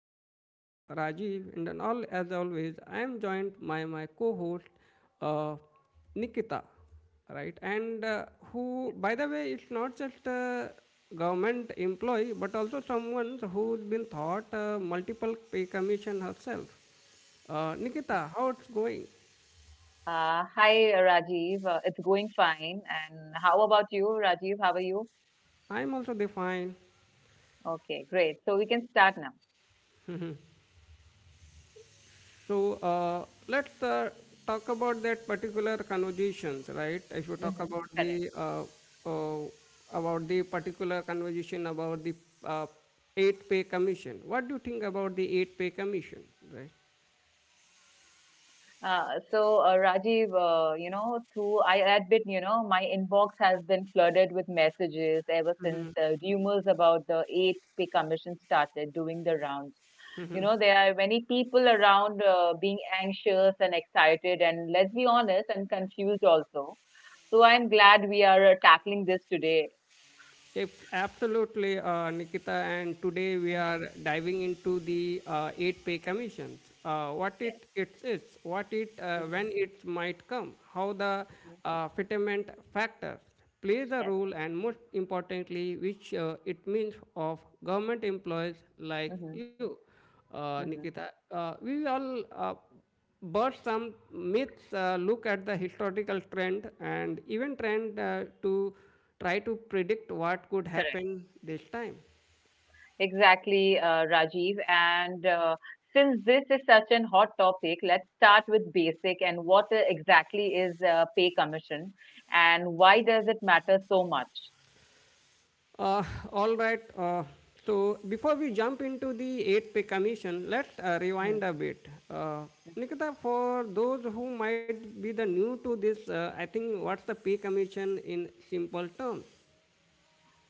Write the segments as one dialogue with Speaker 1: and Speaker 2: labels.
Speaker 1: I'm your host Rajiv, and then all as always, I am joined by my co-host uh, Nikita, right, and who by the way it's not just a government employee but also someone who's been thought multiple pay commission herself. Uh, nikita, how it's going?
Speaker 2: Hi, Rajiv. It's going fine. And how about you, Rajiv? How are you?
Speaker 1: I'm also defined.
Speaker 2: Okay, great. So we can start now.
Speaker 1: So let's talk about that particular conversations, right? If you talk
Speaker 2: Mm-hmm, correct.
Speaker 1: uh, uh, about the particular conversation about the uh, eight pay commission, what do you think about the eight pay commission, right?
Speaker 2: So, Rajiv, through, I admit, my inbox has been flooded with messages ever since rumors about the 8th Pay Commission started doing the rounds. You know, there are many people around being anxious and excited, and let's be honest, and confused also. So, I'm glad we are tackling this today.
Speaker 1: If absolutely, Nikita, and today we are diving into the eight pay commissions. What
Speaker 2: Yes.
Speaker 1: it is, what it
Speaker 2: Mhm,
Speaker 1: when it might come, how the
Speaker 2: mhm,
Speaker 1: fitment factors plays a
Speaker 2: yes.
Speaker 1: role, and most importantly, which it means of government employees like
Speaker 2: Mhm,
Speaker 1: you,
Speaker 2: mhm.
Speaker 1: Nikita. We all but some myths look at the historical trend and even trend to try to predict what could
Speaker 2: Correct.
Speaker 1: happen this time.
Speaker 2: Exactly, Rajiv. And since this is such an hot topic, let's start with basic and what exactly is pay commission and why does it matter so much?
Speaker 1: Uh, all right. So before we jump into the eighth pay commission, let's
Speaker 2: Mhm.
Speaker 1: rewind a bit. Nikita, for those who might be the new to this, I think what's the pay commission in simple terms?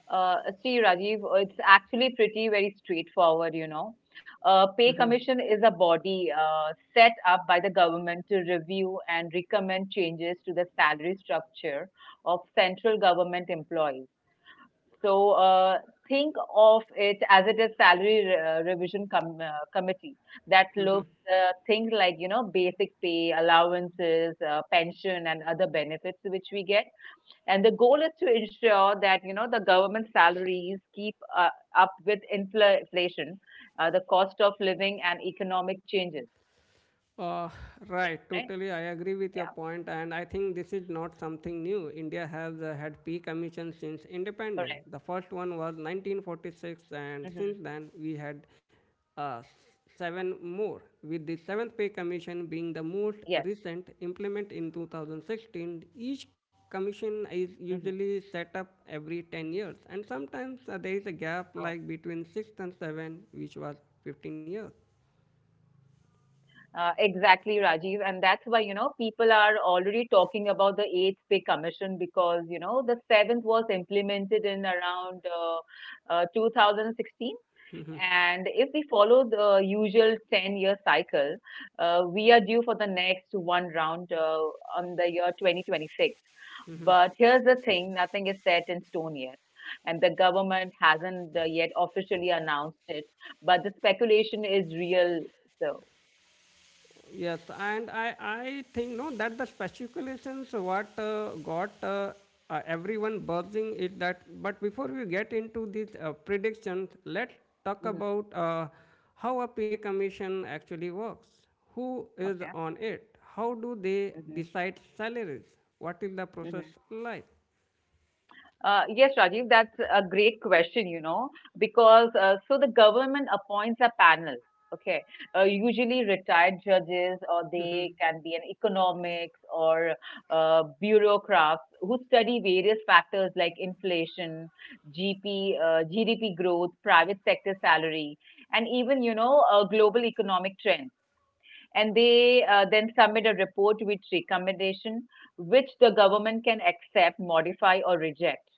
Speaker 2: See, Rajiv, it's actually pretty very straightforward. Pay commission is a body set up by the government to review and recommend changes to the salary structure of central government employees. So think of it as it is salary revision committee that looks things like basic pay, allowances, pension, and other benefits which we get. And the goal is to ensure that the government salaries keep up with inflation, the cost of living, and economic changes.
Speaker 1: Uh,
Speaker 2: Right?
Speaker 1: right, totally. I agree
Speaker 2: Yeah.
Speaker 1: with your point, and I think this is not something new. India has had
Speaker 2: Correct.
Speaker 1: peak emissions since independence. The first one was
Speaker 2: Hmm.
Speaker 1: 1946, and since then we had uh, s- seven more, with the seventh pay commission
Speaker 2: Yes.
Speaker 1: being the most recent implement in 2016. Each
Speaker 2: Hmm.
Speaker 1: commission is usually set up every 10 years, and sometimes there is a gap like between 6 and 7, which was 15 years.
Speaker 2: Exactly, Rajiv. And that's why, people are already talking about the eighth pay commission because, the seventh was implemented in around 2016. And if we follow the usual 10-year cycle, we are due for the next one round on the year 2026. But here's the thing, nothing is set in stone yet. And the government hasn't yet officially announced it, but the speculation is real. So,
Speaker 1: Yes, and I think no that the speculations what got everyone buzzing is that. But before we get into these predictions, let's talk
Speaker 2: mm-hmm.
Speaker 1: about how a pay commission actually works. Who is
Speaker 2: Okay.
Speaker 1: on it? How do they
Speaker 2: Mhm.
Speaker 1: decide salaries? What is the process
Speaker 2: Mhm.
Speaker 1: like?
Speaker 2: Yes, Rajiv, that's a great question, because so the government appoints a panel, okay, usually retired judges, or they can be an economics or bureaucrats who study various factors like inflation, GP, GDP growth, private sector salary, and even, global economic trends. And they then submit a report with recommendation which the government can accept, modify, or reject.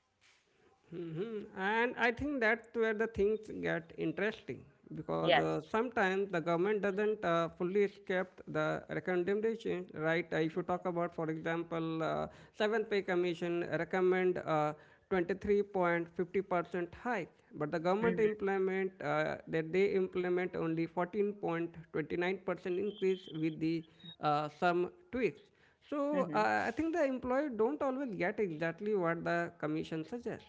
Speaker 1: Mhm. And I think that's where the things get interesting because
Speaker 2: Yes.
Speaker 1: sometimes the government doesn't fully accept the recommendation, right? If you talk about, for example, seventh pay commission recommend 23.50% hike, but the government
Speaker 2: Mhm,
Speaker 1: implement that they implement only 14.29% increase with the some tweaks. So
Speaker 2: mhm.
Speaker 1: I think the employer don't always get exactly what the commission suggests.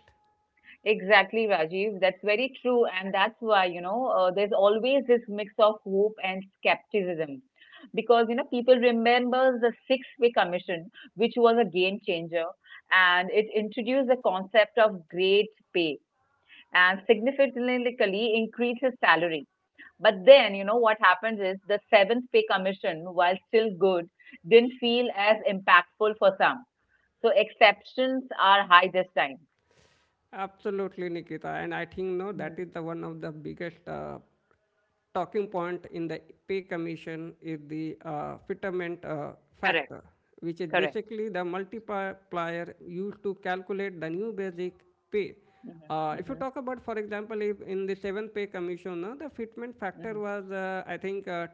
Speaker 2: Exactly, Rajiv. That's very true. And that's why, there's always this mix of hope and skepticism. Because, people remember the six-way commission, which was a game changer, and it introduced the concept of great pay and significantly increases salary. But then, what happens is the seventh pay commission, while still good, didn't feel as impactful for some. So exceptions are high this time.
Speaker 1: Absolutely, Nikita, and I think no, that
Speaker 2: Mhm.
Speaker 1: is the one of the biggest talking point in the pay commission is the fitment
Speaker 2: Correct,
Speaker 1: factor, which is
Speaker 2: correct.
Speaker 1: basically the multiplier used to calculate the new basic pay.
Speaker 2: Hmm.
Speaker 1: If you
Speaker 2: Hmm.
Speaker 1: talk about, for example, if in the seventh pay commission, no, the fitment
Speaker 2: Hmm.
Speaker 1: factor was, I think,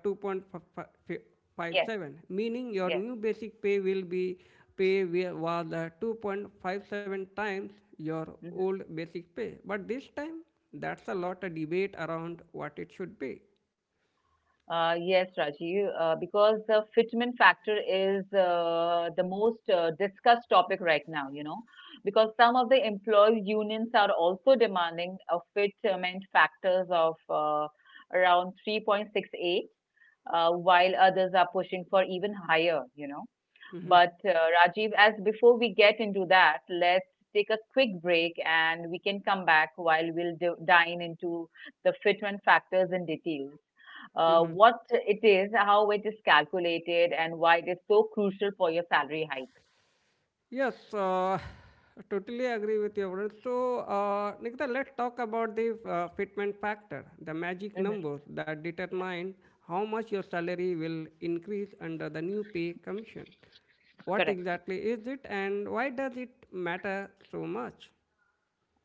Speaker 2: Yes,
Speaker 1: 2.57, meaning your
Speaker 2: yes.
Speaker 1: new basic pay will be pay was 2.57 times your
Speaker 2: Mm-hmm.
Speaker 1: old basic pay. But this time, that's a lot of debate around what it should be.
Speaker 2: Yes, Rajiv, because the fitment factor is the most discussed topic right now, because some of the employee unions are also demanding a fitment factors of around 3.68, while others are pushing for even higher. But Rajiv, as before we get into that, let's take a quick break and we can come back while we'll dine into the fitment factors in details what it is, how it is calculated, and why it is so crucial for your salary hike.
Speaker 1: Yes, totally agree with you. Avadil. So, Nikita, let's talk about the fitment factor, the magic
Speaker 2: Hmm.
Speaker 1: numbers that
Speaker 2: Yes,
Speaker 1: determine how much your salary will increase under the new pay commission. What
Speaker 2: correct.
Speaker 1: exactly is it, and why does it matter so much?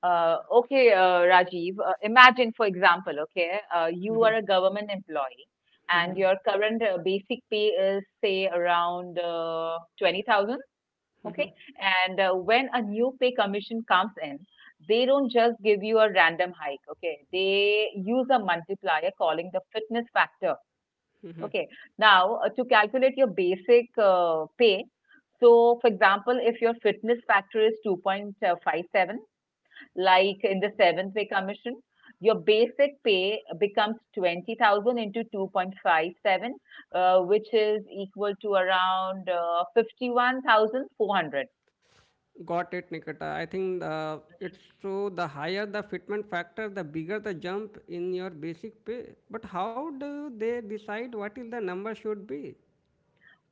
Speaker 2: Okay, Rajiv, imagine, for example, okay, you are
Speaker 1: Mhm.
Speaker 2: a government employee and your current basic pay is, say, around 20,000, okay? And when a new pay commission comes in, they don't just give you a random hike, okay? They use a multiplier calling the fitness factor. Okay. Now, to calculate your basic pay, so for example, if your fitness factor is 2.57, like in the seventh pay commission, your basic pay becomes 20,000 into 2.57, which is equal to around 51,400.
Speaker 1: Got it, Nikita. I think it's so the higher the fitment factor, the bigger the jump in your basic pay. But how do they decide what is the number should be?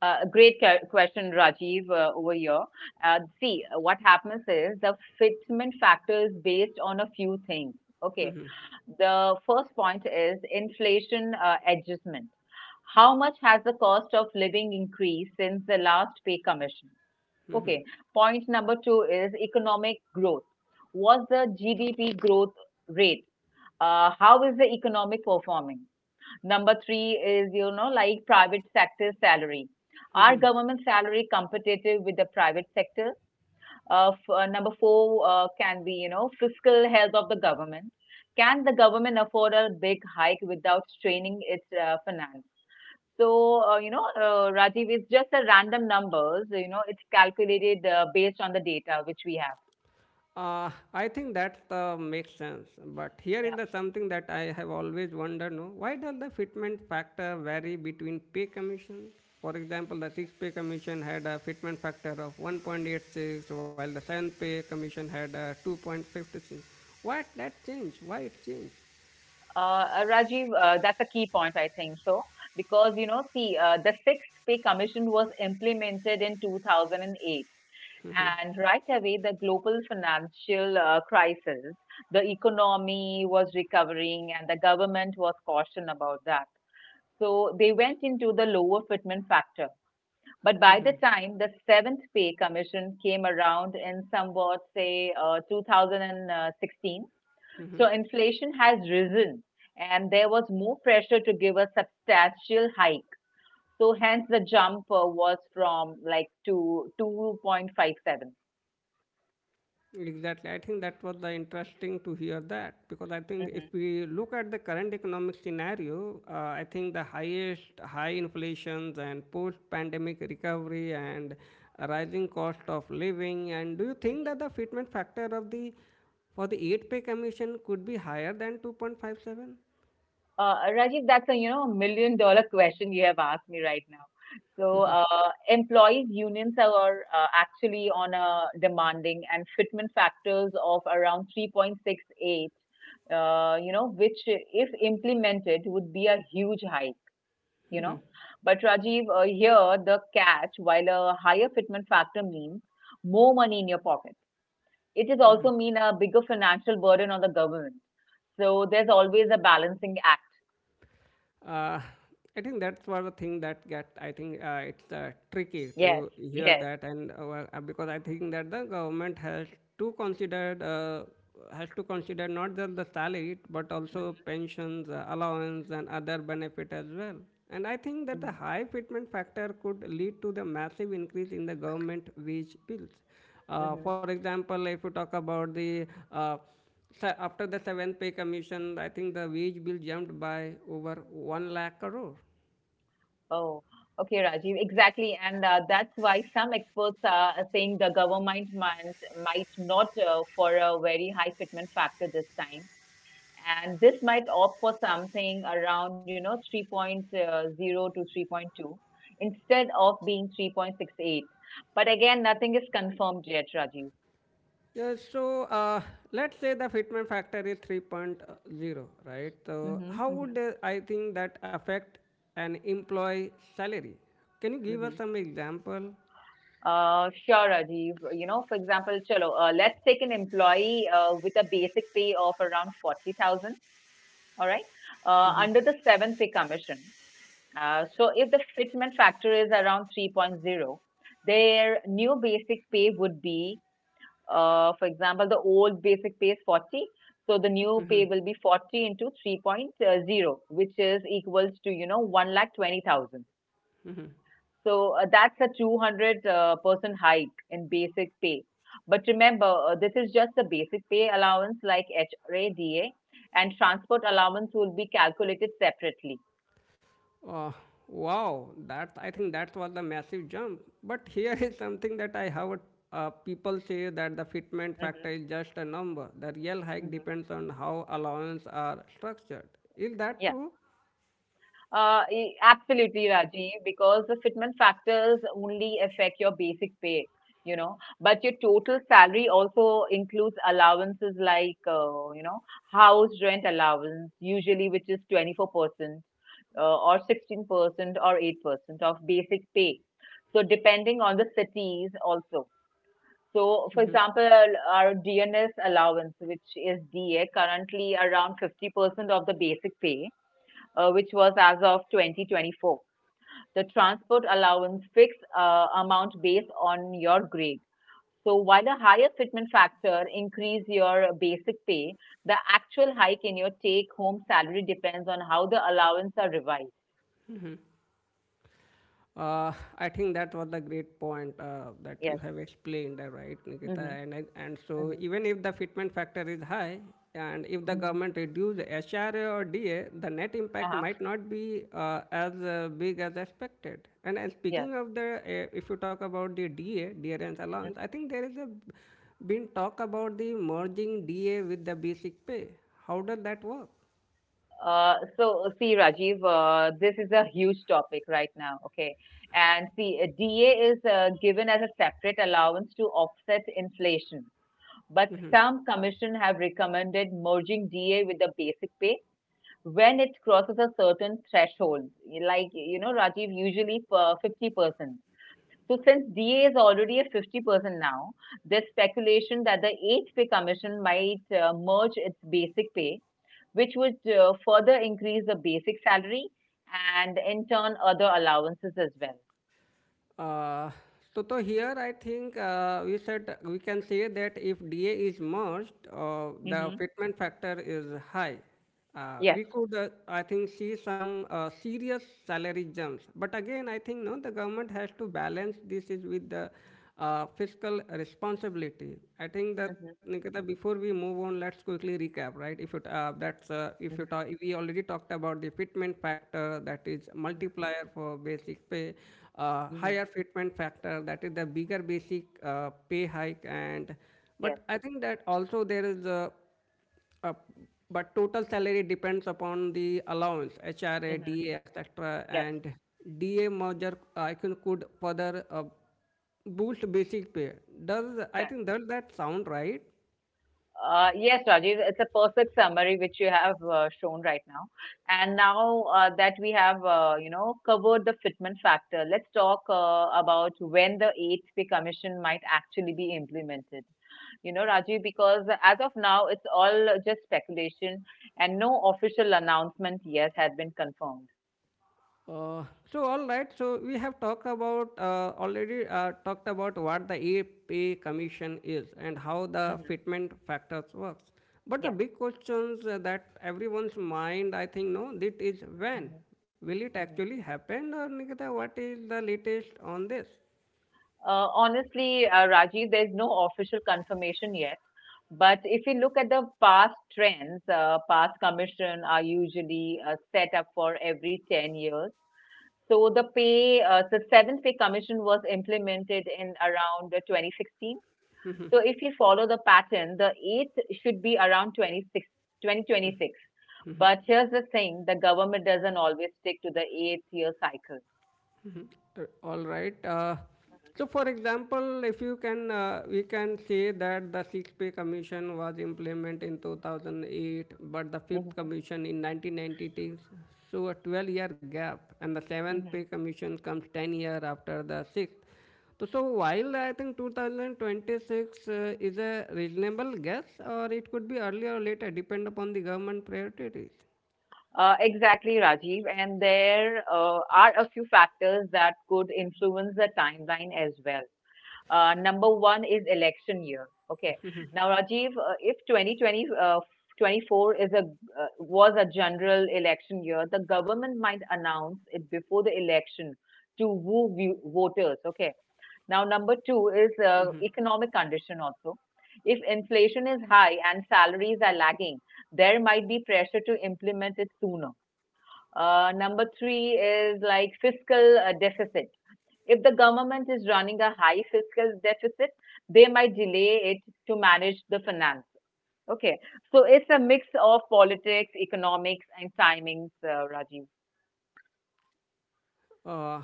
Speaker 2: A great question, Rajiv, over here. See, what happens is the fitment factor is based on a few things. Okay. The first point is inflation adjustment. How much has the cost of living increased since the last pay commission? Okay. Point number two is economic growth. What's the GDP growth rate? How is the economic performing? Number three is, like private sector salary. Are government salary competitive with the private sector? Number four can be, fiscal health of the government. Can the government afford a big hike without straining its finance? So, Rajiv, it's just a random numbers. It's calculated based on the data which we have.
Speaker 1: I think that makes sense. But here is
Speaker 2: Yeah,
Speaker 1: the something that I have always wondered, no? Why does the fitment factor vary between pay commission? For example, the sixth pay commission had a fitment factor of 1.86, while the seventh pay commission had a 2.56. What that change? Why it changed?
Speaker 2: Rajiv, that's a key point, I think so, because see, the sixth pay commission was implemented in 2008. And right away, the global financial crisis, the economy was recovering, and the government was cautioned about that. So they went into the lower fitment factor. But by the time the seventh pay commission came around in somewhat, say, 2016, so inflation has risen and there was more pressure to give a substantial hike. So hence the jump was from like to 2.57.
Speaker 1: Exactly. I think that was the interesting to hear that because I think
Speaker 2: Mhm.
Speaker 1: if we look at the current economic scenario, I think the highest high inflations and post-pandemic recovery and rising cost of living. And do you think that the fitment factor of the for the eight pay commission could be higher than 2.57?
Speaker 2: Rajiv, that's a million dollar question you have asked me right now. So employees unions are actually on a demanding and fitment factors of around 3.68, which if implemented would be a huge hike, you know. But Rajiv, here the catch, while a higher fitment factor means more money in your pocket, it is also mean a bigger financial burden on the government. So there's always a balancing act.
Speaker 1: Uh, I think that's one of the thing that get. I think it's tricky
Speaker 2: Yes.
Speaker 1: to hear
Speaker 2: Yes.
Speaker 1: that, and well, because I think that the government has to consider not just the salary but also pensions, allowance, and other benefit as well. And I think that the
Speaker 2: Mhm,
Speaker 1: high fitment factor could lead to the massive increase in the government wage bills.
Speaker 2: mhm.
Speaker 1: For example, if you talk about the so after the seventh pay commission, I think the wage bill jumped by over 1 lakh crore.
Speaker 2: Oh, okay, Rajiv. Exactly. And that's why some experts are saying the government might not for a very high fitment factor this time. And this might opt for something around, three point zero to 3.2 instead of being 3.68. But again, nothing is confirmed yet, Rajiv.
Speaker 1: Yeah, so let's say the fitment factor is 3.0 zero, right? So
Speaker 2: Mm-hmm,
Speaker 1: how
Speaker 2: mm-hmm,
Speaker 1: would I think that affect an employee salary? Can you give us
Speaker 2: mm-hmm.
Speaker 1: some example?
Speaker 2: Sure, Rajiv. For example, chalo, let's take an employee with a basic pay of around 40,000, all right, under the 7th pay commission. So if the fitment factor is around three point zero, their new basic pay would be, for example, the old basic pay is 40, so the new pay will be 40 into three point zero, which is equals to, 1,20,000. So that's a 200 percent hike in basic pay. But remember, this is just the basic pay allowance like HRA, and transport allowance will be calculated separately.
Speaker 1: Uh, wow, that I think that was the massive jump. But here is something that I have people say that the fitment factor
Speaker 2: Mhm,
Speaker 1: is just a number. The real hike
Speaker 2: mhm.
Speaker 1: depends on how allowance are structured. Is that
Speaker 2: Yeah,
Speaker 1: true?
Speaker 2: absolutely, Rajiv, because the fitment factors only affect your basic pay, you know, but your total salary also includes allowances like, house rent allowance, usually, which is 24%, or 16% or 8% of basic pay. So depending on the cities also. So for example, our DNS allowance, which is DA, currently around 50% of the basic pay, which was as of 2024. The transport allowance fixed amount based on your grade. So while the higher fitment factor increase your basic pay, the actual hike in your take home salary depends on how the allowance are revised.
Speaker 1: Uh, I think that was the great point that you
Speaker 2: Yes.
Speaker 1: have explained, right, Nikita?
Speaker 2: Mhm.
Speaker 1: And so
Speaker 2: Mhm.
Speaker 1: even if the fitment factor is high, and if the
Speaker 2: Mhm.
Speaker 1: government reduce HRA or DA, the net impact
Speaker 2: Uh-huh.
Speaker 1: might not be as big as expected. And
Speaker 2: Yes.
Speaker 1: speaking of the, if you talk about the DA, dearance
Speaker 2: Mm.
Speaker 1: allowance, I think there is a been talk about the merging DA with the basic pay. How does that work?
Speaker 2: See, Rajiv, this is a huge topic right now. Okay, and see, DA is given as a separate allowance to offset inflation, but some commission have recommended merging DA with the basic pay when it crosses a certain threshold, like Rajiv, usually for 50%. So since DA is already at 50% now, there's speculation that the 8th pay commission might merge its basic pay which would further increase the basic salary and in turn other allowances as well.
Speaker 1: Uh, so here I think we said we can say that if DA is merged, the
Speaker 2: Mm-hmm.
Speaker 1: fitment factor is high. We
Speaker 2: Yes.
Speaker 1: could, I think, see some serious salary jumps. But again, I think no, the government has to balance this is with the fiscal responsibility. I think that
Speaker 2: Mm-hmm.
Speaker 1: Nikita, before we move on, let's quickly recap, right? If it that's if you ta- we already talked about the fitment factor, that is
Speaker 2: Mm-hmm.
Speaker 1: multiplier for basic pay,
Speaker 2: Mm-hmm.
Speaker 1: higher fitment factor, that is the bigger basic pay hike, and
Speaker 2: Yes.
Speaker 1: but I think that also there is a uh, but total salary depends upon the allowance, HRA,
Speaker 2: Mm-hmm.
Speaker 1: DA, etc.
Speaker 2: Yes.
Speaker 1: And DA merger, I can could further boost basic pay. Does I
Speaker 2: Correct.
Speaker 1: think does that sound right?
Speaker 2: Yes, Rajiv, it's a perfect summary which you have shown right now. And now that we have, covered the fitment factor, let's talk about when the 8th pay commission might actually be implemented. Rajiv, because as of now, it's all just speculation and no official announcement yet had been confirmed.
Speaker 1: uh, so all right, so we have talked about already talked about what the a pay commission is and how the
Speaker 2: Hmm.
Speaker 1: fitment factors works, but the
Speaker 2: Yes.
Speaker 1: big questions that everyone's mind, I think no that is when
Speaker 2: Hmm.
Speaker 1: will it actually happen? Or Nikita, what is the latest on this?
Speaker 2: Honestly, Rajiv, there's no official confirmation yet. But if you look at the past trends, past commission are usually set up for every 10 years. So the seventh pay commission was implemented in around 2016. So if you follow the pattern, the eighth should be around 26, 2026, 2026. But here's the thing, the government doesn't always stick to the eighth year cycle.
Speaker 1: All right. So, for example, if you can, we can say that the Sixth Pay Commission was implemented in 2008, but the Fifth
Speaker 2: Mhm,
Speaker 1: Commission in 1993. So, a 12-year gap, and the Seventh Pay
Speaker 2: mhm.
Speaker 1: Commission comes 10 years after the Sixth. So, so while I think 2026 is a reasonable guess, or it could be earlier or later, depend upon the government priorities.
Speaker 2: Exactly, Rajiv. And there are a few factors that could influence the timeline as well. Number one is election year. Okay. Now, Rajiv, if 24 is a was a general election year, the government might announce it before the election to woo voters. Okay. Now, number two is economic condition also. If inflation is high and salaries are lagging, there might be pressure to implement it sooner. Number three is like fiscal deficit. If the government is running a high fiscal deficit, they might delay it to manage the finance. Okay, so it's a mix of politics, economics, and timings, Rajiv.
Speaker 1: Uh,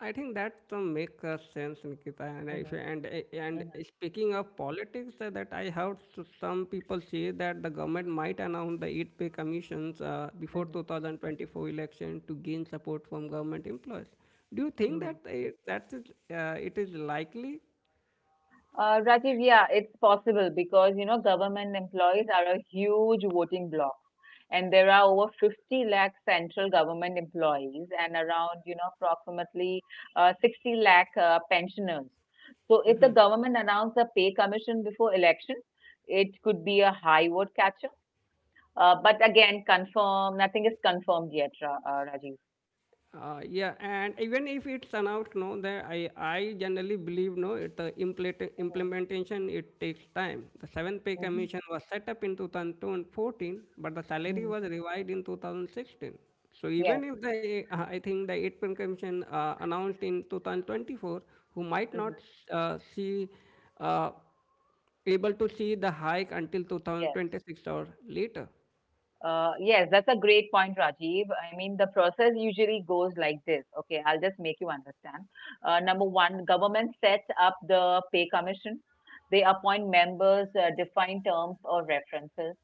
Speaker 1: I think that makes sense, Nikita. And if,
Speaker 2: Hmm.
Speaker 1: and speaking of politics, that I heard some people say that the government might announce the eight pay commissions before
Speaker 2: Hmm.
Speaker 1: 2024 election to gain support from government employees. Do you think
Speaker 2: Hmm.
Speaker 1: that that is it is likely?
Speaker 2: Rajiv, yeah, it's possible because government employees are a huge voting bloc, and there are over 50 lakh central government employees and around approximately 60 lakh pensioners. So if the government announced a pay commission before election, it could be a high vote catcher. But again, confirm nothing is confirmed yet, Ra Rajiv.
Speaker 1: Yeah, and even if it's announced, no, that I generally believe, no, it implementation it takes time. The seventh pay
Speaker 2: Mm-hmm.
Speaker 1: commission was set up in 2014, but the salary was revised in 2016. So
Speaker 2: Yes.
Speaker 1: even if the I think the eighth pay commission announced in 2024, who might not
Speaker 2: Hmm.
Speaker 1: see uh, able to see the hike until
Speaker 2: Yes.
Speaker 1: 2026 or later.
Speaker 2: Yes, that's a great point, Rajiv. I mean, the process usually goes like this. Okay, I'll just make you understand. Number one, government sets up the pay commission. They appoint members, define terms or references.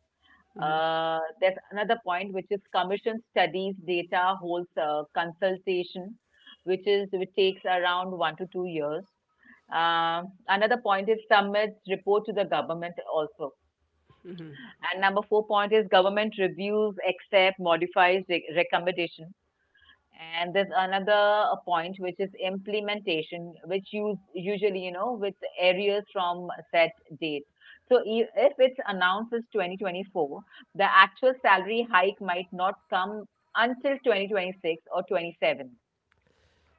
Speaker 2: There's another point, which is commission studies data, holds a consultation, which takes around 1 to 2 years. Another point is submits report to the government also. And number four point is government reviews, accept, modifies recommendation. And there's another point which is implementation, which use usually with areas from set date. So if it's announced as 2024, the actual salary hike might not come until 2026 or 27.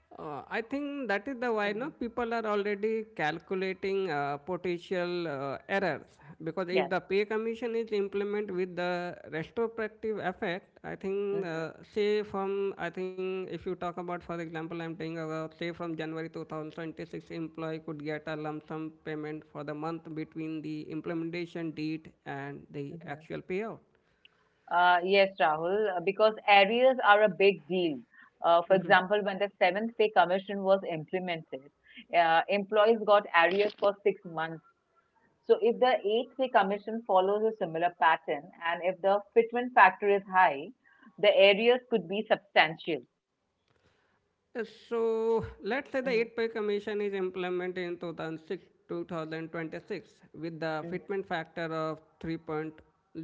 Speaker 1: I think that is the why no
Speaker 2: Mhm.
Speaker 1: people are already calculating potential errors because if
Speaker 2: Yes.
Speaker 1: the pay commission is implemented with the retrospective effect, I think
Speaker 2: Hmm.
Speaker 1: if you talk about for example, I'm taking say from January 2026, employee could get a lump sum payment for the month between the implementation date and the
Speaker 2: Hmm.
Speaker 1: actual payout.
Speaker 2: Yes, Rahul, because arrears are a big deal. For example, when the seventh pay commission was implemented, employees got arrears for 6 months. So, if the eighth pay commission follows a similar pattern and if the fitment factor is high, the arrears could be substantial.
Speaker 1: Yes, so let's say the
Speaker 2: Mhm.
Speaker 1: 8-pay commission is implemented in 2006 2026 with the
Speaker 2: Mhm.
Speaker 1: fitment factor of three point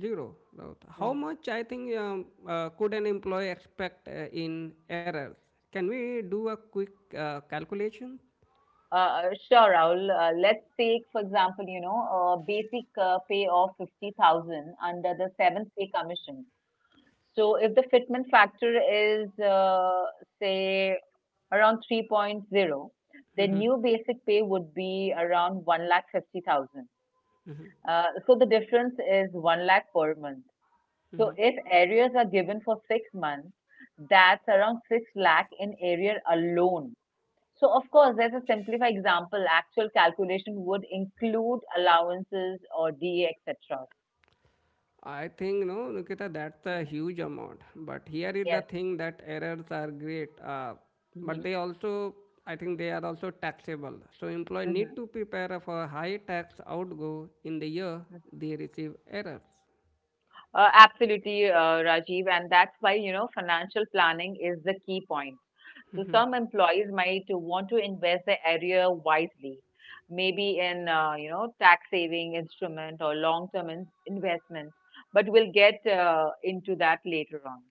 Speaker 1: zero. So how
Speaker 2: Mhm.
Speaker 1: much I think could an employee expect in errors? Can we do a quick calculation?
Speaker 2: Sure, Rahul. Let's take, for example, a basic pay of 50,000 under the seventh pay commission. So if the fitment factor is, say, around three point zero, then new basic pay would be around one lakh 50,000. So the difference is 1 lakh per month. So if arrears are given for 6 months, that's around 6 lakh in arrear alone. So of course, there's a simplified example. Actual calculation would include allowances or DA, etc.
Speaker 1: I think no, Nikita, that's a
Speaker 2: Mhm.
Speaker 1: huge amount. But here is the
Speaker 2: Yes.
Speaker 1: thing that errors are great, but they also, I think they are also taxable. So employee
Speaker 2: Hmm.
Speaker 1: need to prepare for high tax outgo in the year they receive errors.
Speaker 2: Absolutely, Rajiv, and that's why financial planning is the key point. So some employees might want to invest their area wisely, maybe in tax saving instrument or long term investment, but we'll get into that later on.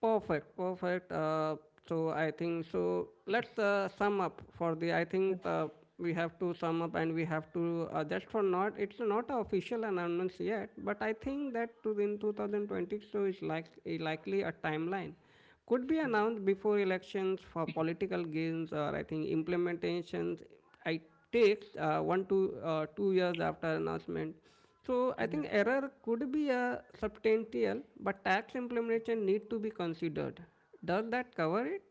Speaker 1: Perfect, perfect. So I think so. Let's sum up for the. I think we have to sum up and we have to just for not. It's not a official announcements yet, but I think that to in 2020, so is like a likely a timeline could be
Speaker 2: Mhm.
Speaker 1: announced before elections for political gains or I think implementations. I takes one to 2 years after announcement. So I
Speaker 2: Mhm.
Speaker 1: think
Speaker 2: Mhm.
Speaker 1: error could be a substantial, but tax implementation need to be considered. Does that cover it?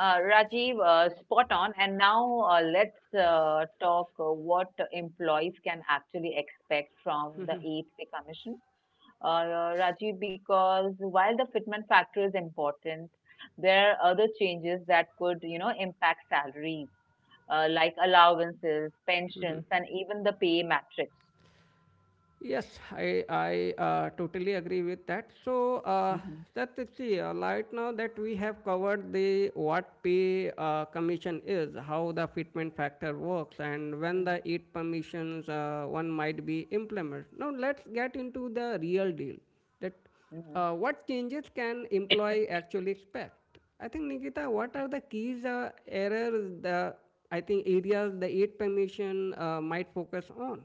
Speaker 2: Rajiv, spot on. And now let's talk what employees can actually expect from the APC Commission. Rajiv, because while the fitment factor is important, there are other changes that could, impact salaries, like allowances, pensions, and even the pay matrix.
Speaker 1: Yes, I totally agree with that. So
Speaker 2: Hmm.
Speaker 1: that is see right now that we have covered the what pay commission is, how the fitment factor works, and when
Speaker 2: Mhm.
Speaker 1: the eight permissions one might be implemented. Now let's get into the real deal. That
Speaker 2: Mhm.
Speaker 1: what changes can employee actually expect? I think Nikita, what are the keys errors the I think areas the eight permission might focus on?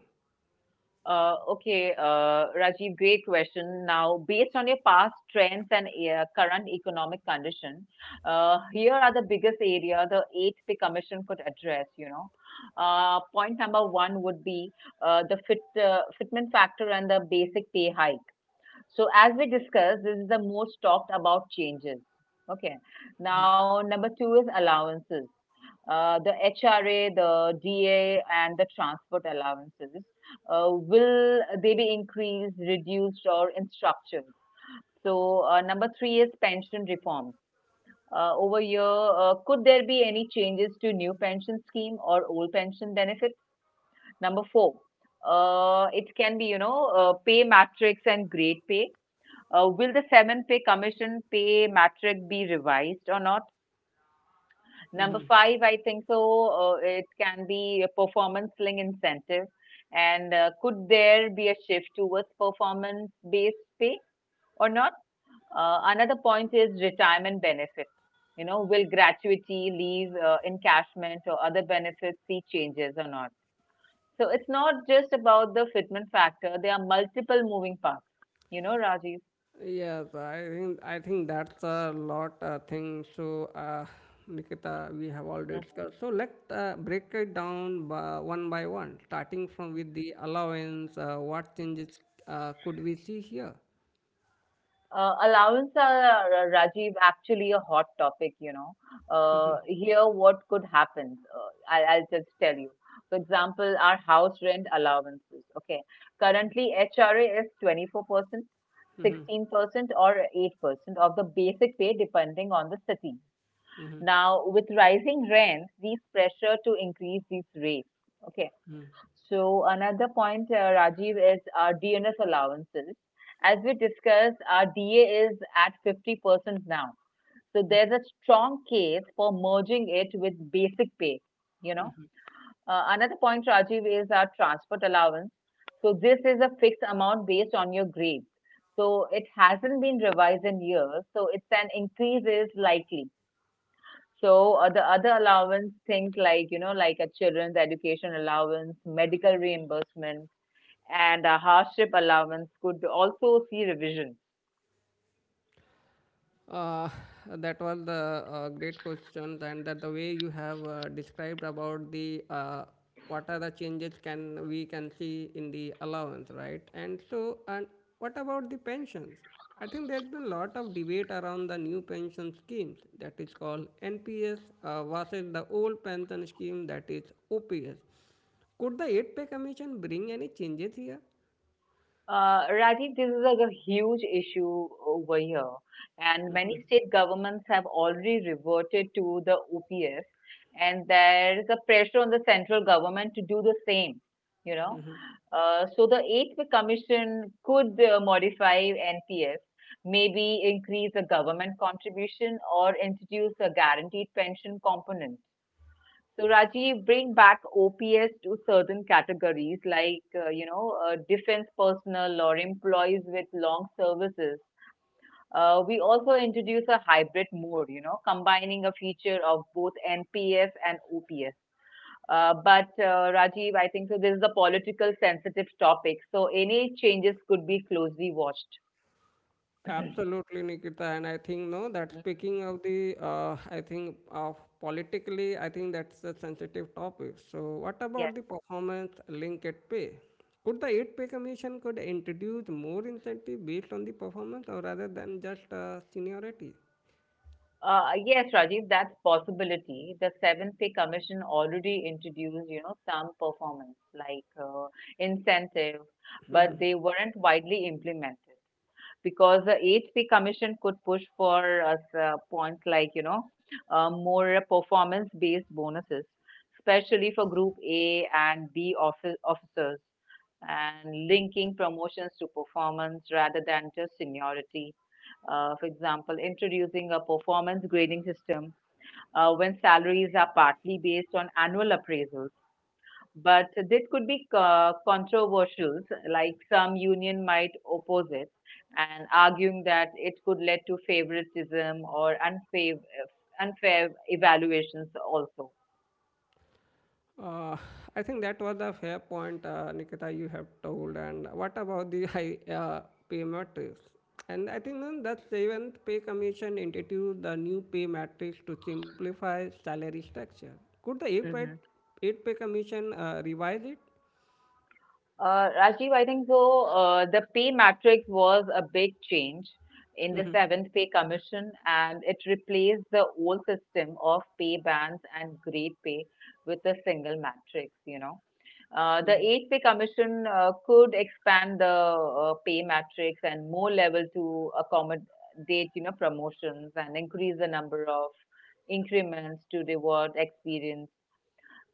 Speaker 2: Okay, Rajiv, great question. Now, based on your past trends and current economic condition, here are the biggest area the eighth pay commission could address. Point number one would be the fitment factor and the basic pay hike. So, as we discussed, this is the most talked about changes. Okay. Now, number two is allowances the HRA, the DA, and the transport allowances, will they be increased, reduced, or instructed? So, number three is pension reform. Over here, could there be any changes to new pension scheme or old pension benefit? Number four, it can be, pay matrix and grade pay. Will the seven pay commission pay matrix be revised or not? Number
Speaker 1: Mm-hmm.
Speaker 2: five, I think so, it can be a performance-linked incentive. And could there be a shift towards performance-based pay or not? Another point is retirement benefits. You know, will gratuity, leave, encashment, or other benefits see changes or not? So it's not just about the fitment factor. There are multiple moving parts. You know, Rajiv.
Speaker 1: Yes, I think that's a lot thing. So, Nikita, we have already discussed. So let's break it down by one, starting from
Speaker 2: Mhm.
Speaker 1: with the allowance. What changes could we see here?
Speaker 2: Allowance are, Rajiv, actually a hot topic. Here, what could happen? I'll just tell you. For example, our house rent allowances. Okay. Currently, HRA is 24%, 16%, or 8% of the basic pay, depending on the city. Now, with rising rents, these pressure to increase these rates. Okay? So another point, Rajiv, is our DNS allowances. As we discussed, our DA is at 50% now. So there's a strong case for merging it with basic pay, you know. Another point, Rajiv, is our transport allowance. So this is a fixed amount based on your grade. So it hasn't been revised in years. So it's an increase is likely. So the other allowance, things like a children's education allowance, medical reimbursement, and a hardship allowance could also see revision.
Speaker 1: Uh, that was the great questions, and that the way you have described about the what are the changes can we can see in the allowance, right? And so, and what about the pensions? I think there's been a lot of debate around the new pension schemes that is called NPS versus the old pension scheme that is OPS. Could the 8 pay commission bring any changes here?
Speaker 2: Rajiv, this is like a huge issue over here, and many state governments have already reverted to the OPS, and there is a pressure on the central government to do the same. You know, so the eighth commission could modify NPS, maybe increase the government contribution or introduce a guaranteed pension component. So Rajiv, bring back OPS to certain categories like, defense personnel or employees with long services. We also introduce a hybrid mode, combining a feature of both NPS and OPS. But Rajiv, I think so. This is a political sensitive topic, so any changes could be closely watched.
Speaker 1: Absolutely, Nikita. And I think, no, that
Speaker 2: Mhm.
Speaker 1: speaking of the, I think of politically, I think that's a sensitive topic. So, what
Speaker 2: Yeah.
Speaker 1: about the performance link at pay? Could the 8-pay commission could introduce more incentive based on the performance or rather than just seniority?
Speaker 2: Yes, Rajiv, that's possibility. The Seventh Pay Commission already introduced, some performance like incentive, but they weren't widely implemented because the HC Commission could push for us points like, more performance based bonuses, especially for Group A and B office officers, and linking promotions to performance rather than just seniority. For example, introducing a performance grading system when salaries are partly based on annual appraisals, but this could be controversial, like some union might oppose it and arguing that it could lead to favoritism or unfair evaluations also.
Speaker 1: Uh, I think that was the fair point, Nikita, you have told. And what about the high pay matrix? And I think then the seventh pay commission introduced the new pay matrix to simplify salary structure. Could the
Speaker 2: Mm-hmm.
Speaker 1: eight pay commission revise it?
Speaker 2: Rajiv, I think so. The pay matrix was a big change in the seventh pay commission, and it replaced the old system of pay bands and grade pay with a single matrix. You know, the eighth pay commission could expand the pay matrix and more level to accommodate promotions and increase the number of increments to reward experience.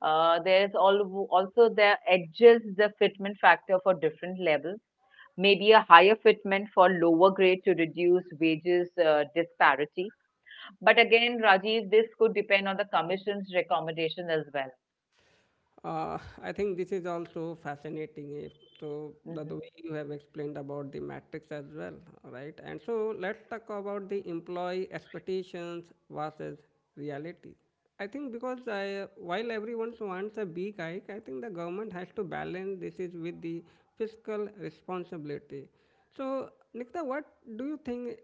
Speaker 2: There's also the edges, the fitment factor for different levels, maybe a higher fitment for lower grade to reduce wages disparity. But again, Rajiv, this could depend on the commission's recommendation as well.
Speaker 1: I think this is also fascinating. If so, the
Speaker 2: Mhm.
Speaker 1: way you have explained about the matrix as well, right? And so let's talk about the employee expectations versus reality. I think because I, while everyone wants a big hike, I think the government has to balance this is with the fiscal responsibility. So, Nikta, what do you think?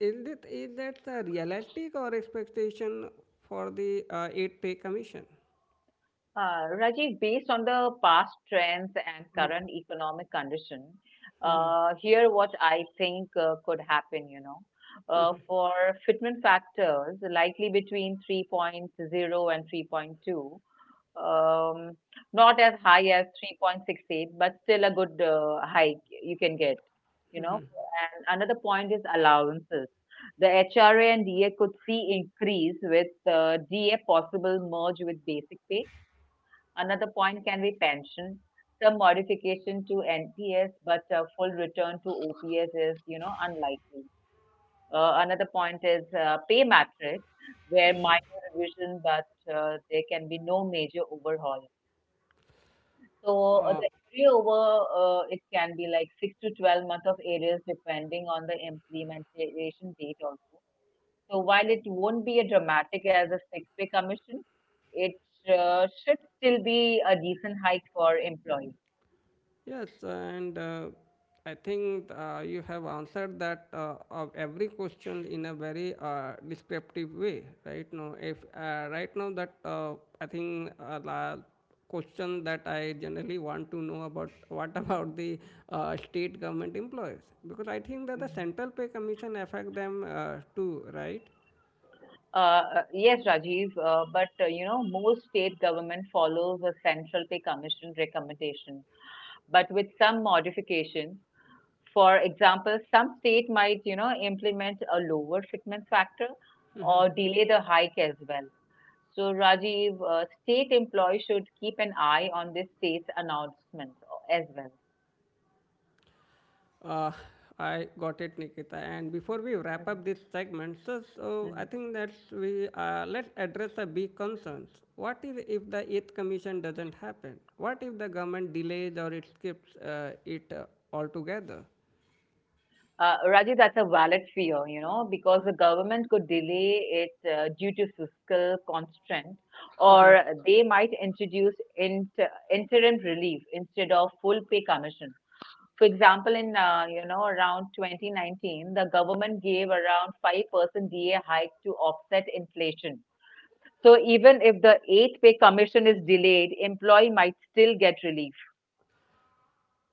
Speaker 1: Is that a realistic or expectation for the eight pay commission?
Speaker 2: Rajiv, based on the past trends and current economic condition,
Speaker 1: Mhm, mhm.
Speaker 2: here what I think could happen, for fitment factors, likely between 3.0 and 3.2. Um, Not as high as 3.68, but still a good hike you can get, you know. And another point is allowances. The HRA and DA could see increase with DA possible merge with basic pay. Another point can be pension, some modification to NPS, but a full return to OPS is, unlikely. Another point is pay matrix, where minor revision, but there can be no major overhaul. So
Speaker 1: Uh,
Speaker 2: the area over, it can be like 6 to 12 months of areas depending on the implementation date also. So while it won't be a dramatic as a six-pay commission, it should still be a decent hike for employees.
Speaker 1: yes, and I think you have answered that of every question in a very descriptive way, right? Now, if right now that I think the question that I generally want to know about what about the state government employees because I think that the
Speaker 2: Mhm.
Speaker 1: central pay commission affect them too, right?
Speaker 2: Yes, Rajiv, but most state government follows a central pay commission recommendation, but with some modification. For example, some state might, implement a lower fitment factor or delay the hike as well. So, Rajiv, state employees should keep an eye on this state's announcements as well.
Speaker 1: Uh, I got it, Nikita. And before we wrap
Speaker 2: Mhm.
Speaker 1: up this segment, so I
Speaker 2: Mhm.
Speaker 1: think that we let's address the big concerns. What is if the eighth commission doesn't happen? What if the government delays or it skips it altogether?
Speaker 2: Rajiv, that's a valid fear, you know, because the government could delay it due to fiscal constraint, or they might introduce interim relief instead of full pay commission. For example, in around 2019, the government gave around 5% DA hike to offset inflation. So even if the eighth pay commission is delayed, employee might still get relief.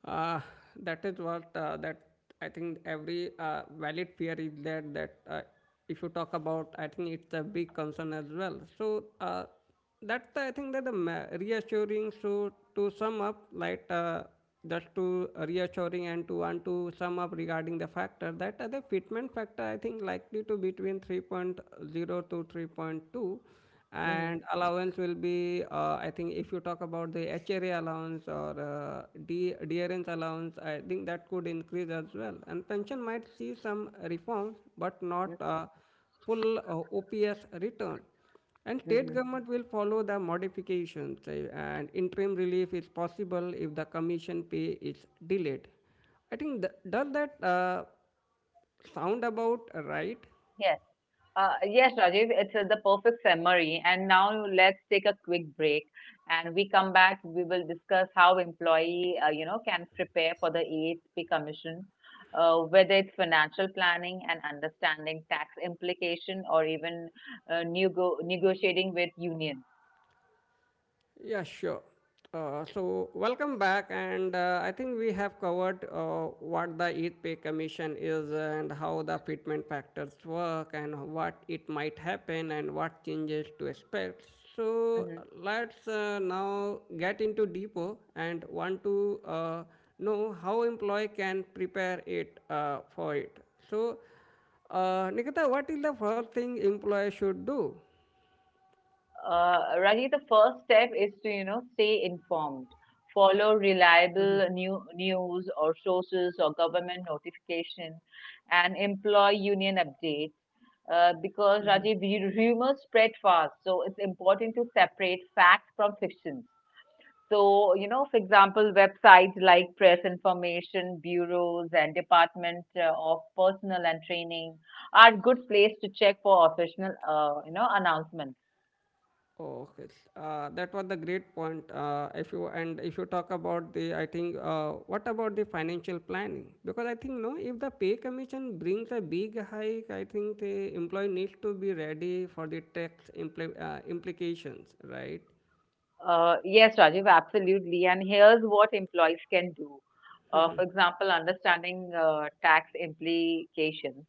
Speaker 1: Uh, that is what that I think every valid fear is there that if you talk about, I think it's a big concern as well. So that's I think that the reassuring. So to sum up, like just to reassuring and to want to sum up regarding the factor that the fitment factor I think likely to between three point zero to 3.2
Speaker 2: Hmm.
Speaker 1: and allowance will be I think if you talk about the hra allowance or drns allowance I think that could increase as well and pension might see some reforms but not
Speaker 2: Hmm.
Speaker 1: full ops return and state
Speaker 2: Hmm.
Speaker 1: government will follow the modifications and interim relief is possible if the commission pay is delayed I think does that sound about right.
Speaker 2: Yes. Yes, Rajiv, it's the perfect summary. And now let's take a quick break. And we come back, we will discuss how employee, can prepare for the EHP Commission, whether it's financial planning and understanding tax implication or even negotiating with unions.
Speaker 1: Yeah, sure. So, welcome back, and I think we have covered what the Eat Pay Commission is and how the fitment factors work and what it might happen and what changes to expect. So,
Speaker 2: Mhm.
Speaker 1: let's now get into deeper and want to know how employee can prepare it for it. So, Nikita, what is the first thing employee should do?
Speaker 2: Raji, the first step is to, stay informed. Follow reliable news or sources or government notification and employ union updates. Because Rajiv, rumors spread fast, so it's important to separate fact from fiction. So, you know, for example, websites like press information bureaus and Department of Personal and Training are good place to check for official, announcements.
Speaker 1: Okay, that was the great point. If you and if you talk about the, I think, what about the financial planning? Because I think no, if the pay commission brings a big hike, I think the employee needs to be ready for the tax implications, right?
Speaker 2: Yes, Rajiv, absolutely. And here's what employees can do. For example, understanding tax implications.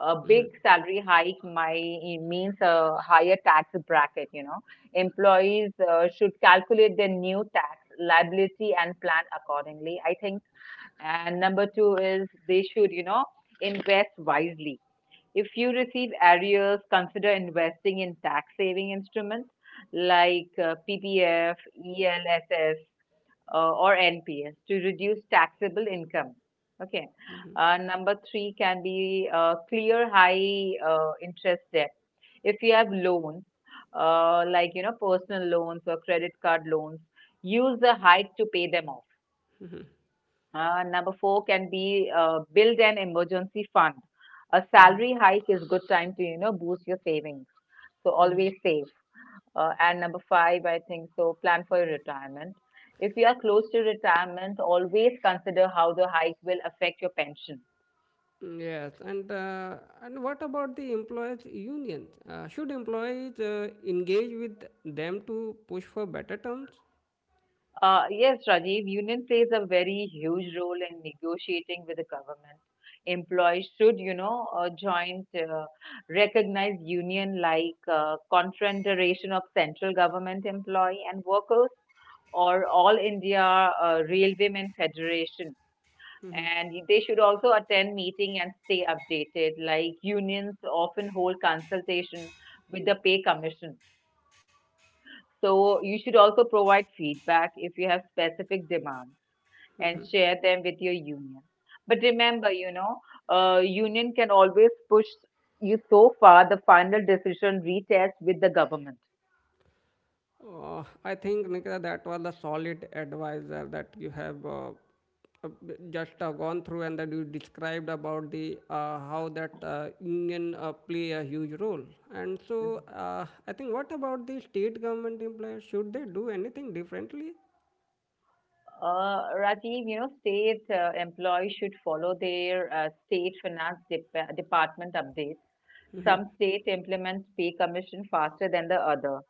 Speaker 2: A big
Speaker 1: Hmm.
Speaker 2: salary hike might means a higher tax bracket. You know, employees should calculate their new tax liability and plan accordingly, I think. And number two is they should, you know, invest wisely. If you receive arrears, consider investing in tax saving instruments like PPF, ELSS, or NPS to reduce taxable income. Okay.
Speaker 1: Hmm.
Speaker 2: Number three can be clear high interest debt. If you have loans, like you know personal loans or credit card loans, use the hike to pay them off.
Speaker 1: Hmm.
Speaker 2: Number four can be build an emergency fund. A
Speaker 1: Hmm.
Speaker 2: salary hike is good time to you know boost your savings. So
Speaker 1: Hmm.
Speaker 2: always save. And number five, I think so. Plan for your retirement. If you are close to retirement, always consider how the hike will affect your pension.
Speaker 1: Yes, and what about the employers' unions? Should employees engage with them to push for better terms?
Speaker 2: Yes, Rajiv, union plays a very huge role in negotiating with the government. Employees should, you know, joint recognized union like Confederation of Central Government Employee and Workers or All India Railwaymen Federation. And they should also attend meeting and stay updated. Like unions often hold consultation with the pay commission. So you should also provide feedback if you have specific demands and share them with your union. But remember, you know, union can always push you so far. The final decision retest with the government.
Speaker 1: I think, Nikita, that was the solid advisor that you have uh, just gone through and that you described about the how that union play a huge role. And
Speaker 2: Mhm.
Speaker 1: so, I think, what about the state government employees? Should they do anything differently?
Speaker 2: Rajiv, you know, state employees should follow their state finance department updates. Some state implements pay commission faster than the other.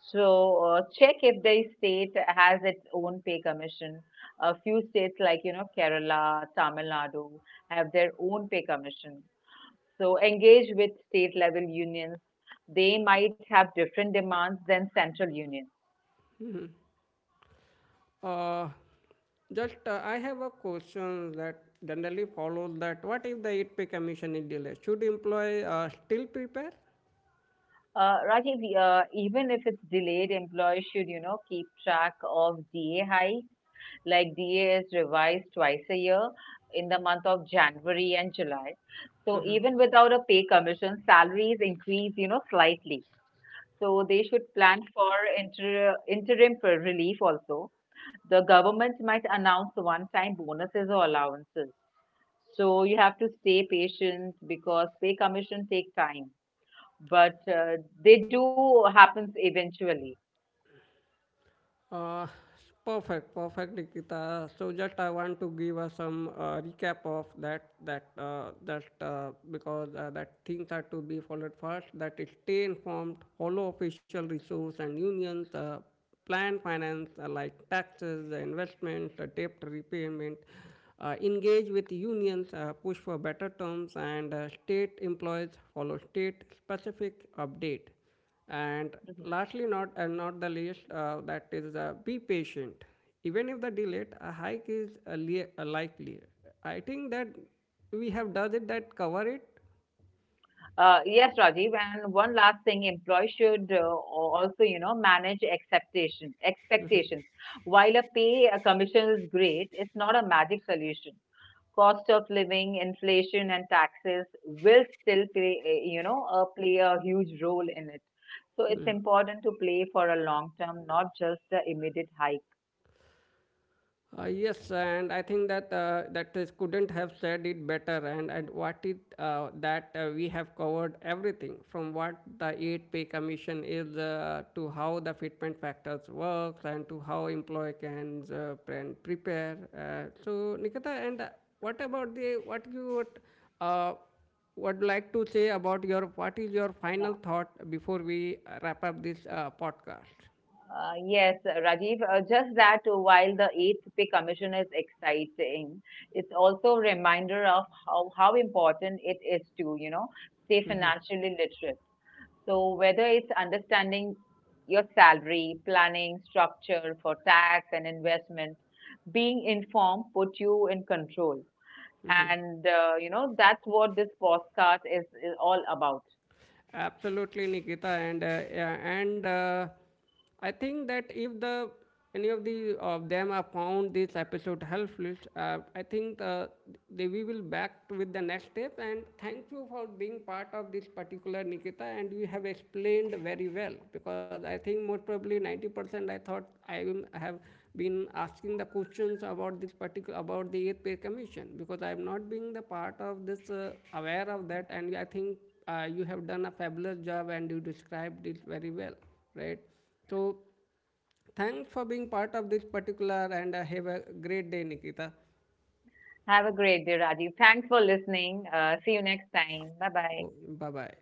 Speaker 2: So check if the state has its own pay commission. A few states like, you know, Kerala, Tamil Nadu have their own pay commission. So engage with state level unions. They might have different demands than central unions.
Speaker 1: Uh, just I have a question that generally follows that what if the 8 pay commission is delayed? Should employee still prepare?
Speaker 2: Rajiv, even if it's delayed, employees should, you know, keep track of DA hike, like DA is revised twice a year in the month of January and July. So even without a pay commission, salaries increase, you know, slightly. So they should plan for interim relief also. The government might announce one-time bonuses or allowances. So you have to stay patient because pay commission take time, but they do happens eventually.
Speaker 1: Uh, perfect, perfect, Nikita. So just I want to give us some recap of that, because that things are to be followed first. That is stay informed, follow official resource and unions, plan finance like taxes, investments, debt repayment. Engage with unions, push for better terms, and state employees follow state specific update. And lastly, not and not the least, that is be patient. Even if the delayed, a hike is a likely. I think that we have does it that cover it.
Speaker 2: Yes, Rajiv. And one last thing, employees should also, you know, manage expectations. While a pay a commission is great, it's not a magic solution. Cost of living, inflation, and taxes will still play, play a huge role in it. So it's
Speaker 1: Hmm.
Speaker 2: important to play for a long term, not just the immediate hike.
Speaker 1: Yes, and I think that that is couldn't have said it better. And what it that we have covered everything from what the eight pay commission is to how the fitment factors works and to how employee can prepare. So Nikita, and what about the what you would, uh, would like to say about your what is your final
Speaker 2: Yeah.
Speaker 1: thought before we wrap up this podcast?
Speaker 2: Yes, Rajiv, just that while the eighth pay commission is exciting, it's also a reminder of how important it is to, you know, stay financially literate. So whether it's understanding your salary, planning structure for tax and investment, being informed put you in control. And, you know, that's what this podcast is all about.
Speaker 1: Absolutely, Nikita, and yeah, and I think that if the any of the of them have found this episode helpful, I think they we will back with the next step. And thank you for being part of this particular Nikita, and you have explained very well because I think most probably 90% I thought I will have been asking the questions about this particular about the eighth pay commission because I am not being the part of this aware of that, and I think you have done a fabulous job and you described it very well, right? So, thanks for being part of this particular and have a great day, Nikita.
Speaker 2: Have a great day, Rajiv. Thanks for listening. See you next time. Bye bye.
Speaker 1: Bye bye.